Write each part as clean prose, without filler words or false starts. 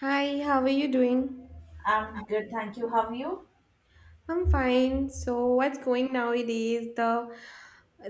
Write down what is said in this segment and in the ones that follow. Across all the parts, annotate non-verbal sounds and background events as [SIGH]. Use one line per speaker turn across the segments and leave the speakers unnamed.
Hi, how are you doing?
I'm good, thank you. How are you?
I'm fine. So, what's going nowadays? The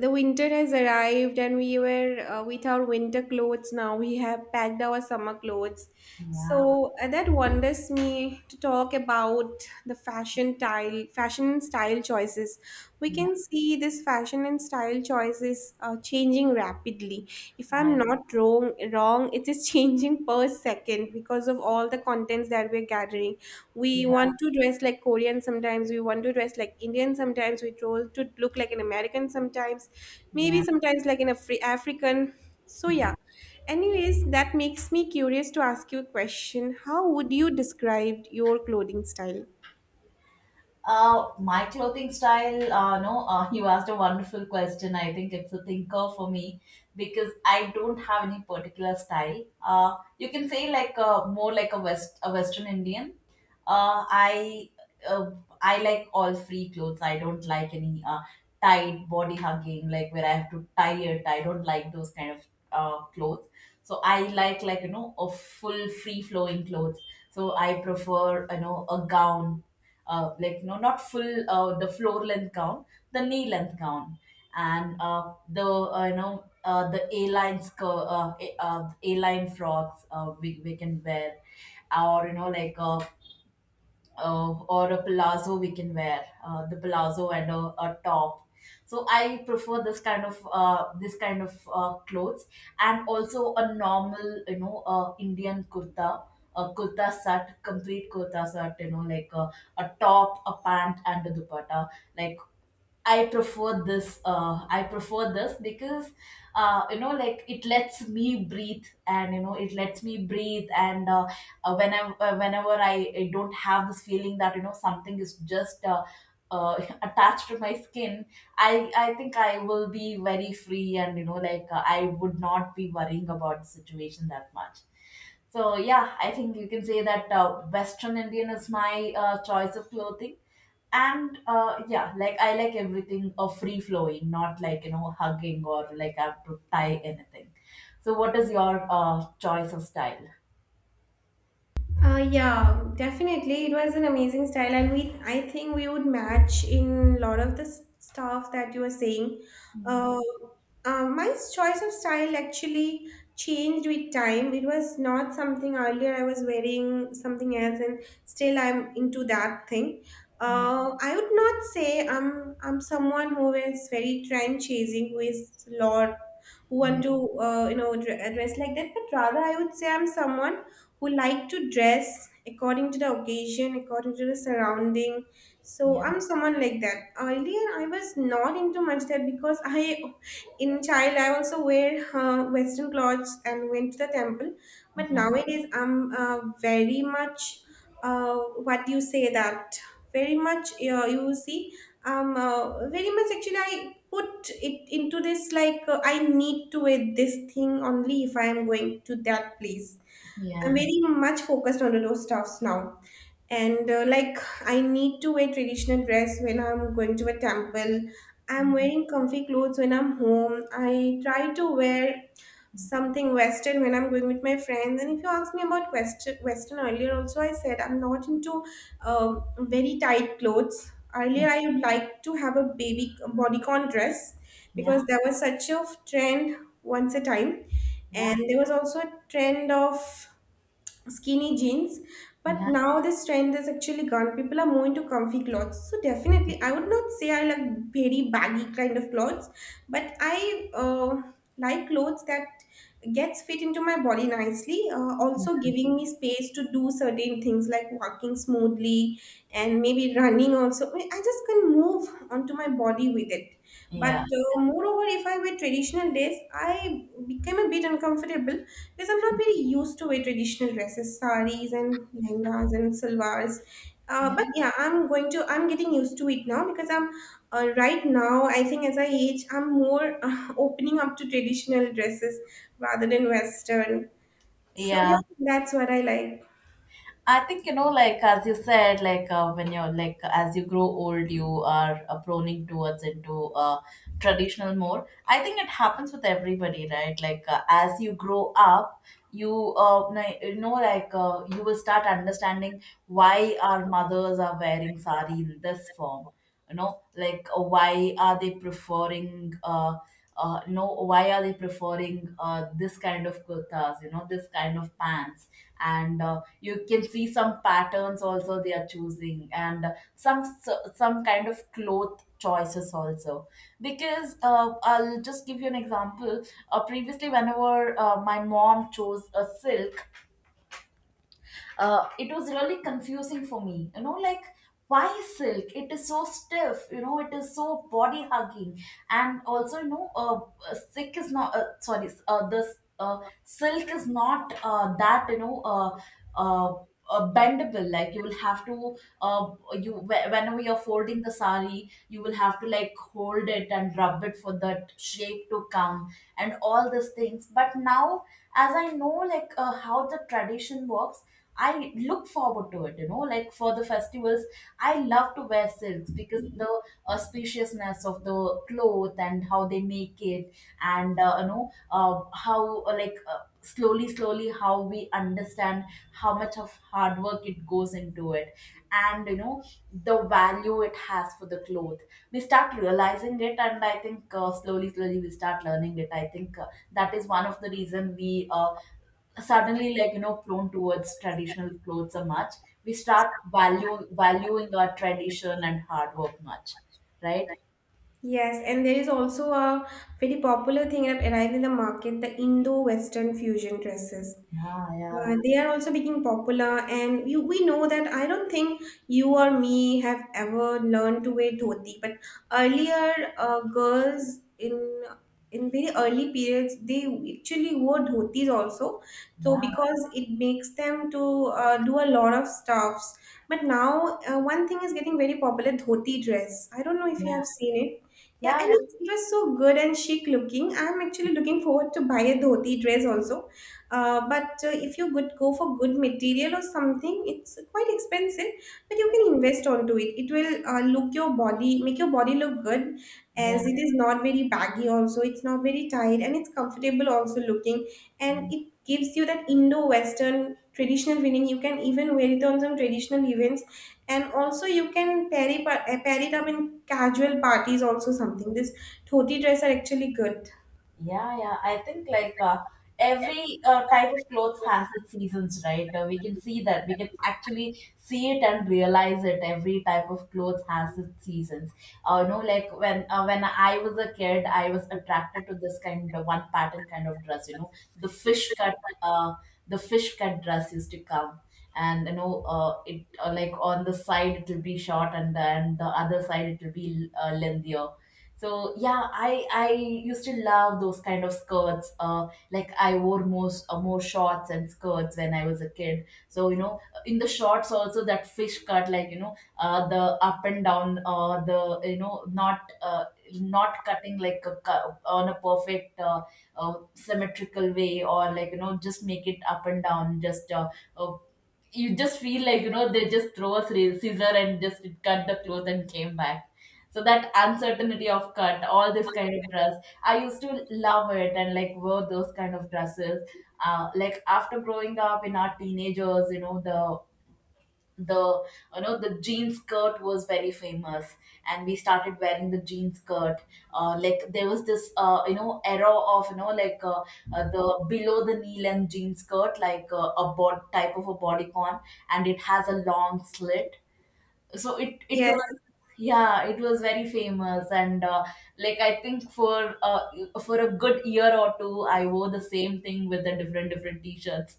the winter has arrived, and we were with our winter clothes. Now we have packed our summer clothes.
Yeah,
So that wonders me to talk about the fashion style, fashion and style choices. We
yeah,
can see this fashion and style choices changing rapidly. If
I
I'm not wrong, it is [LAUGHS] changing per second because of all the contents that we're gathering. We
yeah,
want to dress like Korean sometimes, we want to dress like Indian sometimes, we want to look like an American sometimes, maybe
yeah.
sometimes like an African. So yeah, anyways, that makes me curious to ask you a question: how would you describe your clothing style?
My clothing style, no, [LAUGHS] you asked a wonderful question. I think it's a thinker for me because I don't have any particular style. You can say like more like a a Western Indian. Uh, I, uh, I like all free clothes. I don't like any tight body hugging, like where I have to tie it. I don't like those kind of clothes. So I like a full free flowing clothes. So I prefer a gown, not full the floor length gown, the knee length gown, and the you know the a line skirt, a line frocks, we can wear, or you know like or a palazzo, we can wear the palazzo and a top. So I prefer this kind of, clothes. And also a normal, Indian kurta, a kurta set, complete kurta set, a top, a pant and a dupatta, like. I prefer this. I prefer this because, it lets me breathe, and, it lets me breathe. And, whenever I don't have this feeling that, something is just, uh, [LAUGHS] attached to my skin. I think I will be very free, and, I would not be worrying about the situation that much. So yeah, I think you can say that, Western Indian is my, choice of clothing, and, yeah, like, I like everything, free flowing, not like, hugging, or like I have to tie anything. So what is your, choice of style?
Yeah, definitely. It was an amazing style, and we, I think we would match in a lot of the stuff that you were saying. Uh, my choice of style actually changed with time. It was not something, earlier I was wearing something else, and still I'm into that thing.
Yeah,
I would not say I'm someone who is very trend chasing, who is lot, who want
yeah,
to you know dress like that, but rather I would say I'm someone who like to dress according to the occasion, according to the surrounding. So
yeah,
I'm someone like that. Earlier, I was not into much that because I, in child, I also wear Western clothes and went to the temple. But nowadays, I'm very much, uh, what you say, that very much you see, very much actually I put it into this like, I need to wear this thing only if I am going to that place.
yeah,
I'm very much focused on those stuffs now. And like, I need to wear traditional dress when I'm going to a temple. I'm wearing comfy clothes when I'm home. I try to wear something Western when I'm going with my friends. And if you ask me about Western, Western earlier, also I said I'm not into very tight clothes. Earlier, I would like to have a baby bodycon dress
yeah,
because there was such a trend once a time,
yeah, yeah,
and there was also a trend of skinny jeans. But
yeah,
now this trend has actually gone, people are more into comfy clothes. So definitely I would not say I like very baggy kind of clothes, but I like clothes that gets fit into my body nicely, also giving me space to do certain things like walking smoothly and maybe running also. I just can move onto my body with it. But
yeah,
moreover, if I wear traditional dress, I became a bit uncomfortable because I'm not very used to wear traditional dresses, saris and lehengas and salwars.
yeah,
But yeah, I'm getting used to it now because I'm, right now, I think as I age, I'm more opening up to traditional dresses rather than Western. So
yeah.
yeah, that's what I like.
I think, like as you said, like, when you're, like, as you grow old, you are, proning towards into, traditional more. I think it happens with everybody, right? Like, as you grow up, you, you know, like you will start understanding why our mothers are wearing sari in this form. Why are they preferring? No, why are they preferring, this kind of kurtas? You know, this kind of pants. And. You can see some patterns also they are choosing, and some kind of cloth choices also, because, I'll just give you an example. Previously, whenever, my mom chose a silk, it was really confusing for me, why? Silk, it is so stiff, it is so body hugging, and also, silk is not, sorry, the silk is not, that, uh, bendable, like, you will have to, whenever you're folding the sari, you will have to like hold it and rub it for that shape to come, and all these things, but now, as I know, like, how the tradition works, I look forward to it, like for the festivals, I love to wear silks because the auspiciousness of the cloth and how they make it, and, you know, how like slowly, slowly, how we understand how much of hard work it goes into it, and, the value it has for the cloth. We start realizing it, and I think, slowly, slowly, we start learning it. I think, that is one of the reason we, suddenly, like, prone towards traditional clothes so much. We start value valuing our tradition and hard work much, right?
Yes, and there is also a very popular thing that arrived in the market, the Indo-Western fusion dresses.
Yeah, yeah,
They are also becoming popular, and you, we know that I don't think you or me have ever learned to wear dhoti. But earlier, girls in very early periods, they actually wore dhotis also. So
yeah,
because it makes them to do a lot of stuffs. But now, one thing is getting very popular: dhoti dress. I don't know if you have
yeah,
seen it. Yeah,
yeah,
and it was so good and chic looking. I'm actually looking forward to buy a dhoti dress also, but if you good go for good material or something, it's quite expensive, but you can invest onto it. It will look your body, make your body look good,
yeah,
as it is not very baggy. Also, it's not very tight, and it's comfortable also looking, and
yeah.
it gives you that Indo-Western traditional feeling. You can even wear it on some traditional events, and also you can pair it, pair it up in casual parties. Also, something this dhoti dress are actually good.
Yeah, yeah. I think like, every, type of clothes has its seasons, right? We can see that. We can actually see it and realize it. Every type of clothes has its seasons. When I was a kid, I was attracted to this kind of one pattern kind of dress. You know, the fish cut, uh, the fish cut dress used to come. And, you know, it like on the side it will be short, and then the other side it will be, lengthier, so yeah, I used to love those kind of skirts, like I wore, most more shorts and skirts when I was a kid, so, in the shorts also, that fish cut, like, the up and down, the you know not, not cutting like on a perfect, symmetrical way, or like, just make it up and down, just, uh, you just feel like, they just throw a scissor and just cut the cloth and came back. So that uncertainty of cut, all this kind of dress, I used to love it and like wear those kind of dresses. After growing up in our teenagers, the the jean skirt was very famous, and we started wearing the jean skirt. There was this, era of, the below the knee length jean skirt, like, type of a bodycon, and it has a long slit. So it
Yes.
was, yeah, it was very famous, and, like, I think for, for a good year or two, I wore the same thing with the different t-shirts.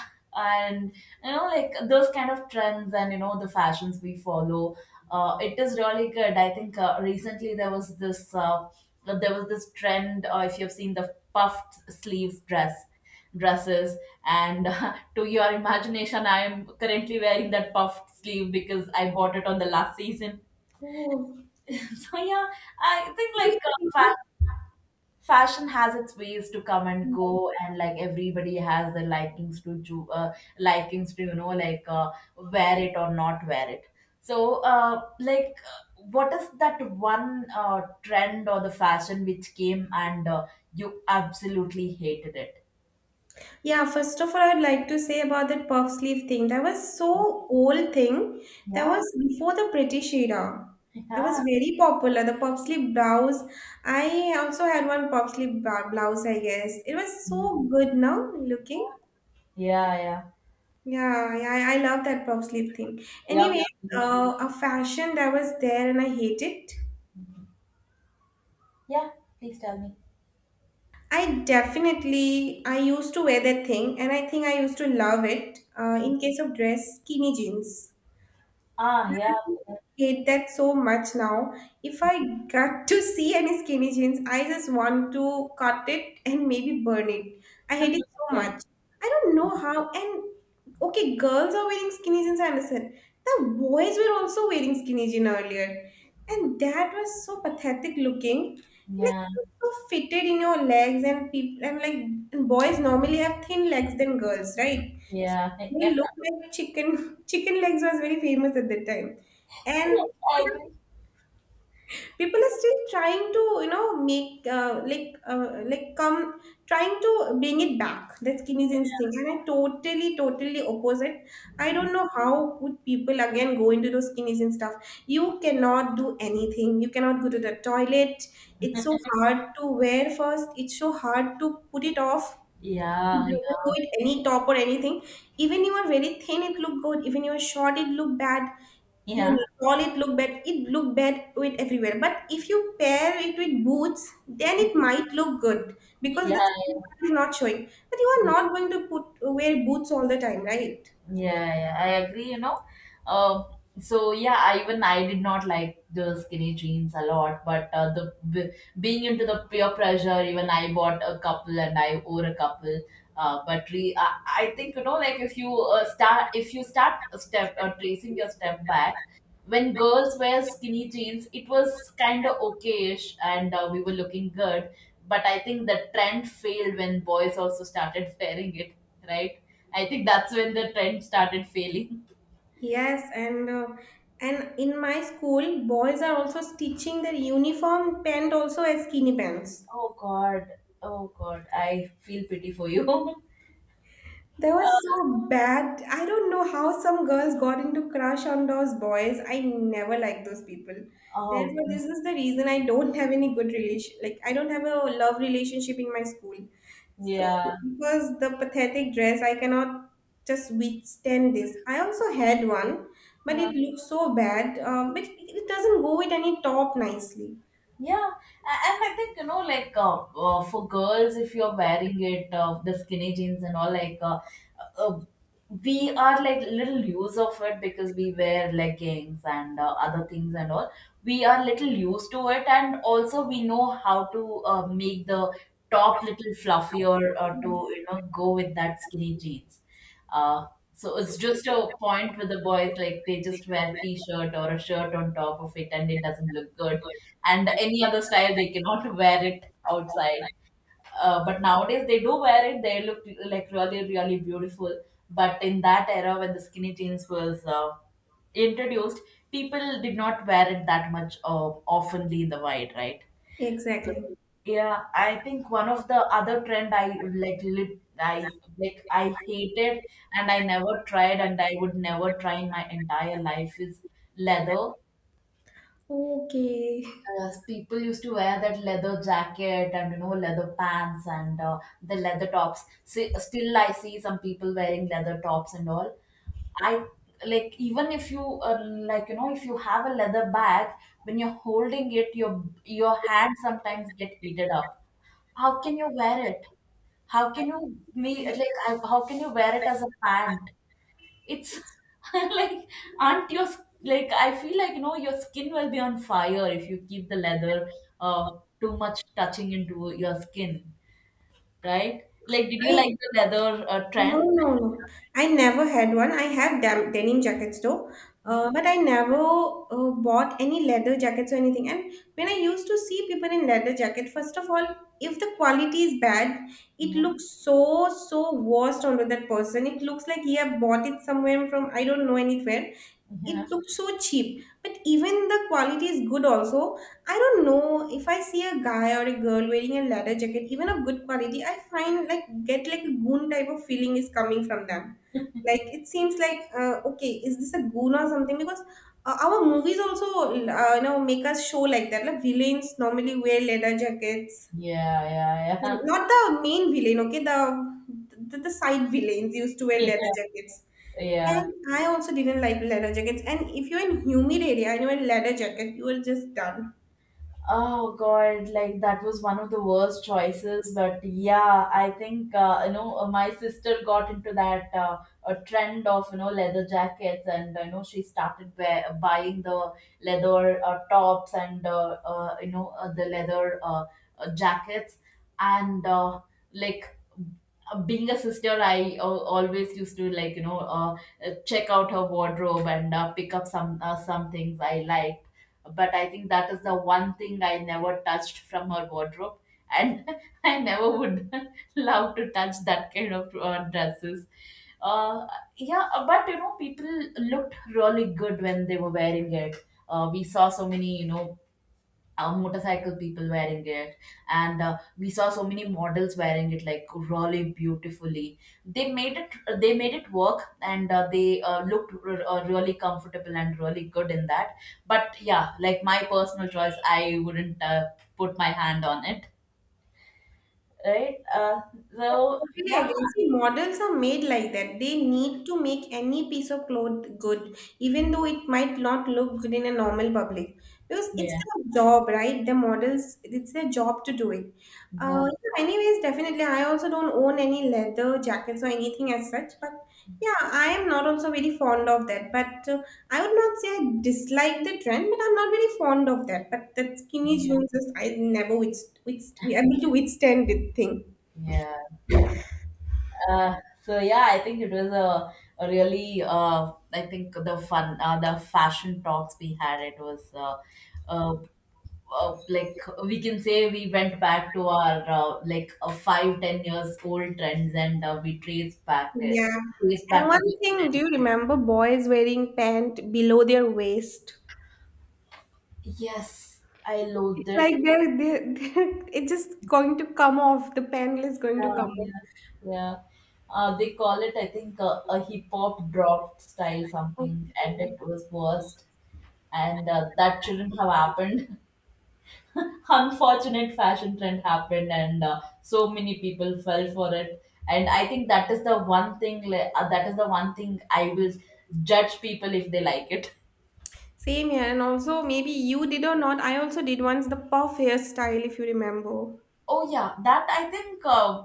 [LAUGHS] And, those kind of trends, and, the fashions we follow, it is really good. I think, recently there was this trend, if you've seen the puffed sleeves dresses, and [LAUGHS] to your imagination, I am currently wearing that puffed sleeve because I bought it on the last season. [LAUGHS] So yeah, I think like, fashion has its ways to come and
Oh.
go, and like everybody has their likings to, wear it or not wear it. So, what is that one, trend or the fashion which came and, you absolutely hated it?
Yeah, first of all, I'd like to say about that puff sleeve thing. That was so old thing. That
Yeah.
was before the British era.
[LAUGHS]
That was
Yeah,
very popular. The puff sleeve blouse. I also had one puff sleeve blouse, I guess. It was so good now looking.
yeah, yeah,
Yeah, yeah, I love that puff sleeve thing.
yeah.
Anyway, a fashion that was there and I hate it.
Yeah, please tell me.
I definitely, I used to wear that thing and I think I used to love it, in case of dress, skinny jeans.
Ah, yeah,
Hate that so much now. If I got to see any skinny jeans, I just want to cut it and maybe burn it. I hate it so
yeah,
much. I don't know how. And okay, girls are wearing skinny jeans, I understand. The boys were also wearing skinny jeans earlier. And that was so pathetic looking. Like
yeah,
it was so fitted in your legs and people and like, and boys normally have thin legs than girls, right? So
yeah. [LAUGHS]
they
Yeah.
look like chicken [LAUGHS] chicken legs was very famous at that time. And
I agree.
people are still trying to, you know, make come, trying to bring it back, that skinny thing. And I totally opposite. I don't know how would people again go into those skinny jeans stuff. You cannot do anything, you cannot go to the toilet. It's so
[LAUGHS]
hard to wear first, it's so hard to put it off.
Yeah,
Doesn't go
yeah,
with any top or anything. Even you are very thin, it look good. Even you are short, it look bad. You
yeah,
tall, it look bad. It look bad with everywhere. But if you pair it with boots, then it might look good because
yeah.
the skin part is not showing. But you are not going to put wear boots all the time, right?
Yeah, yeah, I agree. Um, so yeah, even I did not like the skinny jeans a lot, but, being into the peer pressure, even I bought a couple and I wore a couple. But I think, like if you, if you start a step, tracing your step back, when girls wear skinny jeans, it was kind of okayish, and, we were looking good. But I think the trend failed when boys also started [LAUGHS] wearing it, right? I think that's when the trend started failing.
Yes, and in my school, boys are also stitching their uniform pant also as skinny pants.
Oh God. Oh God. I feel pity for you. [LAUGHS]
They were
Uh,
so bad. I don't know how some girls got into crush on those boys. I never liked those people.
oh,
Therefore, this is the reason I don't have any good relation. Like I don't have a love relationship in my school. So
yeah.
because the pathetic dress, I cannot just withstand this. I also had one, but it looked so bad. But it doesn't go with any top nicely.
Yeah, and I think, for girls, if you're wearing it, the skinny jeans and all, like, uh, we are like little use of it because we wear leggings and, other things and all. We are little used to it, and also we know how to,
Yes.
make the top little fluffier or to, go with that skinny jeans. Uh, so it's just a point with the boys, like they just wear t-shirt or a shirt on top of it, and it doesn't look good, and any other style they cannot [LAUGHS] wear it outside. But nowadays they do wear it, they look like really beautiful. But in that era when the skinny jeans was, introduced, people did not wear it that much, oftenly in the wide, right?
Exactly.
Yeah, I think one of the other trend I like lit, I like I hated, and I never tried and I would never try in my entire life is leather.
Okay.
Yes, people used to wear that leather jacket and, leather pants and, the leather tops. See, still, I see some people wearing leather tops and all. I, like, even if you, like, if you have a leather bag, when you're holding it, your hand sometimes get heated up. How can you wear it? How can you me like I, how can you wear it as a pant? It's [LAUGHS] like aren't your s- like, I feel like your skin will be on fire if you keep the leather too much touching into your skin, right? Like, did you
I.
like the leather
No,
trend?
no, no. I never had one. I have dam denim jackets though,
Yeah,
but I never bought any leather jackets or anything. And when I used to see people in leather jacket, first of all, if the quality is bad, it
yeah,
looks so so worst onto that person. It looks like he have bought it somewhere from, I don't know, anywhere. It
yeah,
looks so cheap. But even the quality is good also, I don't know, if I see a guy or a girl wearing a leather jacket even of good quality, I find like, get like a goon type of feeling is coming from them. Like it seems like, okay, is this a goon or something? Because our movies also you know, make us show like that, like villains normally wear leather jackets,
yeah, yeah, yeah.
not the main villain, okay? The side villains used to
[LAUGHS]
wear leather
Yeah,
jackets.
yeah.
And I also didn't like leather jackets. And if you're in humid area and you wear leather jacket, you are just done.
Oh God, like that was one of the worst choices. But yeah, I think my sister got into that a trend of you know leather jackets, and you know she started buying the leather tops and the leather jackets, and like being a sister, I always used to like you know check out her wardrobe and pick up some things I like, but I think that is the one thing I never touched from her wardrobe, and [LAUGHS] I never would [LAUGHS] love to touch that kind of dresses. Uh, yeah, but you know, people looked really good when they were wearing it. We saw so many, you know, motorcycle people wearing it, and we saw so many models wearing it like really beautifully. They made it, they made it work, and they looked really comfortable and really good in that. But yeah, like my personal choice, I wouldn't put my hand on it, right?
Yes,
So
totally
yeah.
agree. See, models are made like that. They need to make any piece of cloth good, even though it might not look good in a normal public. Because it's
Yeah,
their job, right? The models, it's their job to do it.
yeah,
Yeah, anyways, definitely. I also don't own any leather jackets or anything as such, but yeah, I am not also very fond of that. But I would not say I dislike the trend, but I'm not very fond of that. But that skinny jeans, I never able to withstand the thing.
yeah. Uh, so yeah, I think it was a really I think the fashion talks we had, it was uh, like we can say we went back to our 5 10 years old trends, and we
Yeah.
traced
And
back to those
one thing, do
trends.
you remember boys wearing pant below their waist?
Yes, I loathed
It's
it.
like [LAUGHS] they're, it's just going to come off. The panel is going to
Yeah,
come off.
yeah, yeah. They call it, I think, a hip hop drop style something, and
Okay.
it was worst, and that shouldn't have happened. [LAUGHS] Unfortunate fashion trend happened, and so many people fell for it, and I think that is the one thing that is the one thing I will judge people if they like it.
Same here. And also, maybe you did or not. I also did once the puff hairstyle, if you remember.
Oh yeah, that I think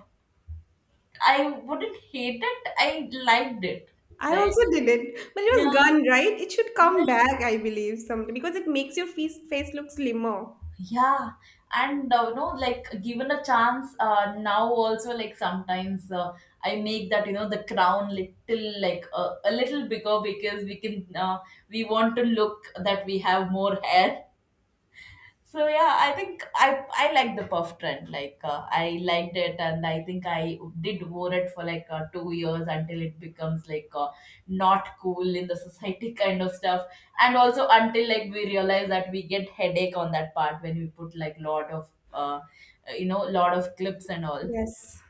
I wouldn't hate it, I liked it.
I
Right.
also did it, but it was
Yeah,
gone, right? It should
yeah.
come back, I believe, someday because it makes your face look slimmer.
Yeah, and you know, like given a chance, now also like sometimes I make that you know the crown little like a little bigger, because we can we want to look that we have more hair. So yeah, I think I like the puff trend. Like I liked it, and I think I did wore it for like 2 years until it becomes like not cool in the society [LAUGHS] kind of stuff, and also until like we realize that we get headache on that part when we put like lot of lot of clips and all.
Yes,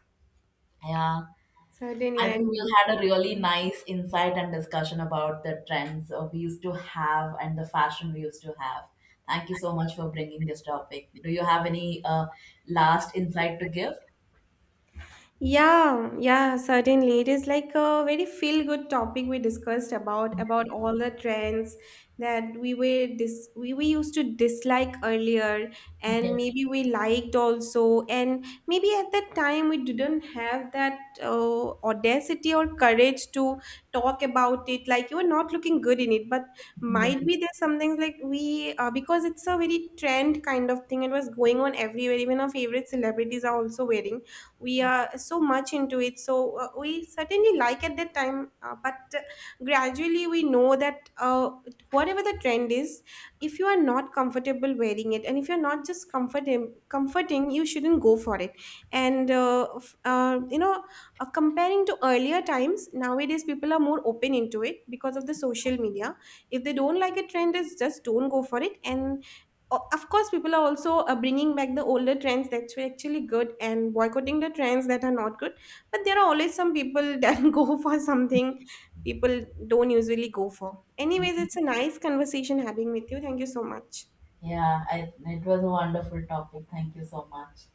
Yeah.
certainly I
I think we
remember
had a really
that.
nice insight and discussion about the trends we used to have and the fashion we used to have. Thank you so much for bringing this topic. Do you have any last insight to give?
Yeah, yeah, certainly. It is like a very feel-good topic we discussed about all the trends that we were we used to dislike earlier,
Yeah,
and maybe we liked also, and maybe at that time we didn't have that audacity or courage to talk about it, like you were not looking good in it, but
yeah,
might be there's something like we because it's a very trend kind of thing, it was going on everywhere, even our favorite celebrities are also wearing, we are so much into it. So we certainly like at that time, but gradually we know that whatever the trend is, if you are not comfortable wearing it and if you're not just comforting, you shouldn't go for it. And you know, comparing to earlier times, nowadays people are more open into it because of the social media. If they don't like a trend, is just don't go for it. And of course, people are also bringing back the older trends, that's actually good, and boycotting the trends that are not good. But there are always some people [LAUGHS] that go for something people don't usually go for. Anyways, it's a nice conversation having with you. Thank you so much.
yeah. I, it was a wonderful topic. Thank you so much.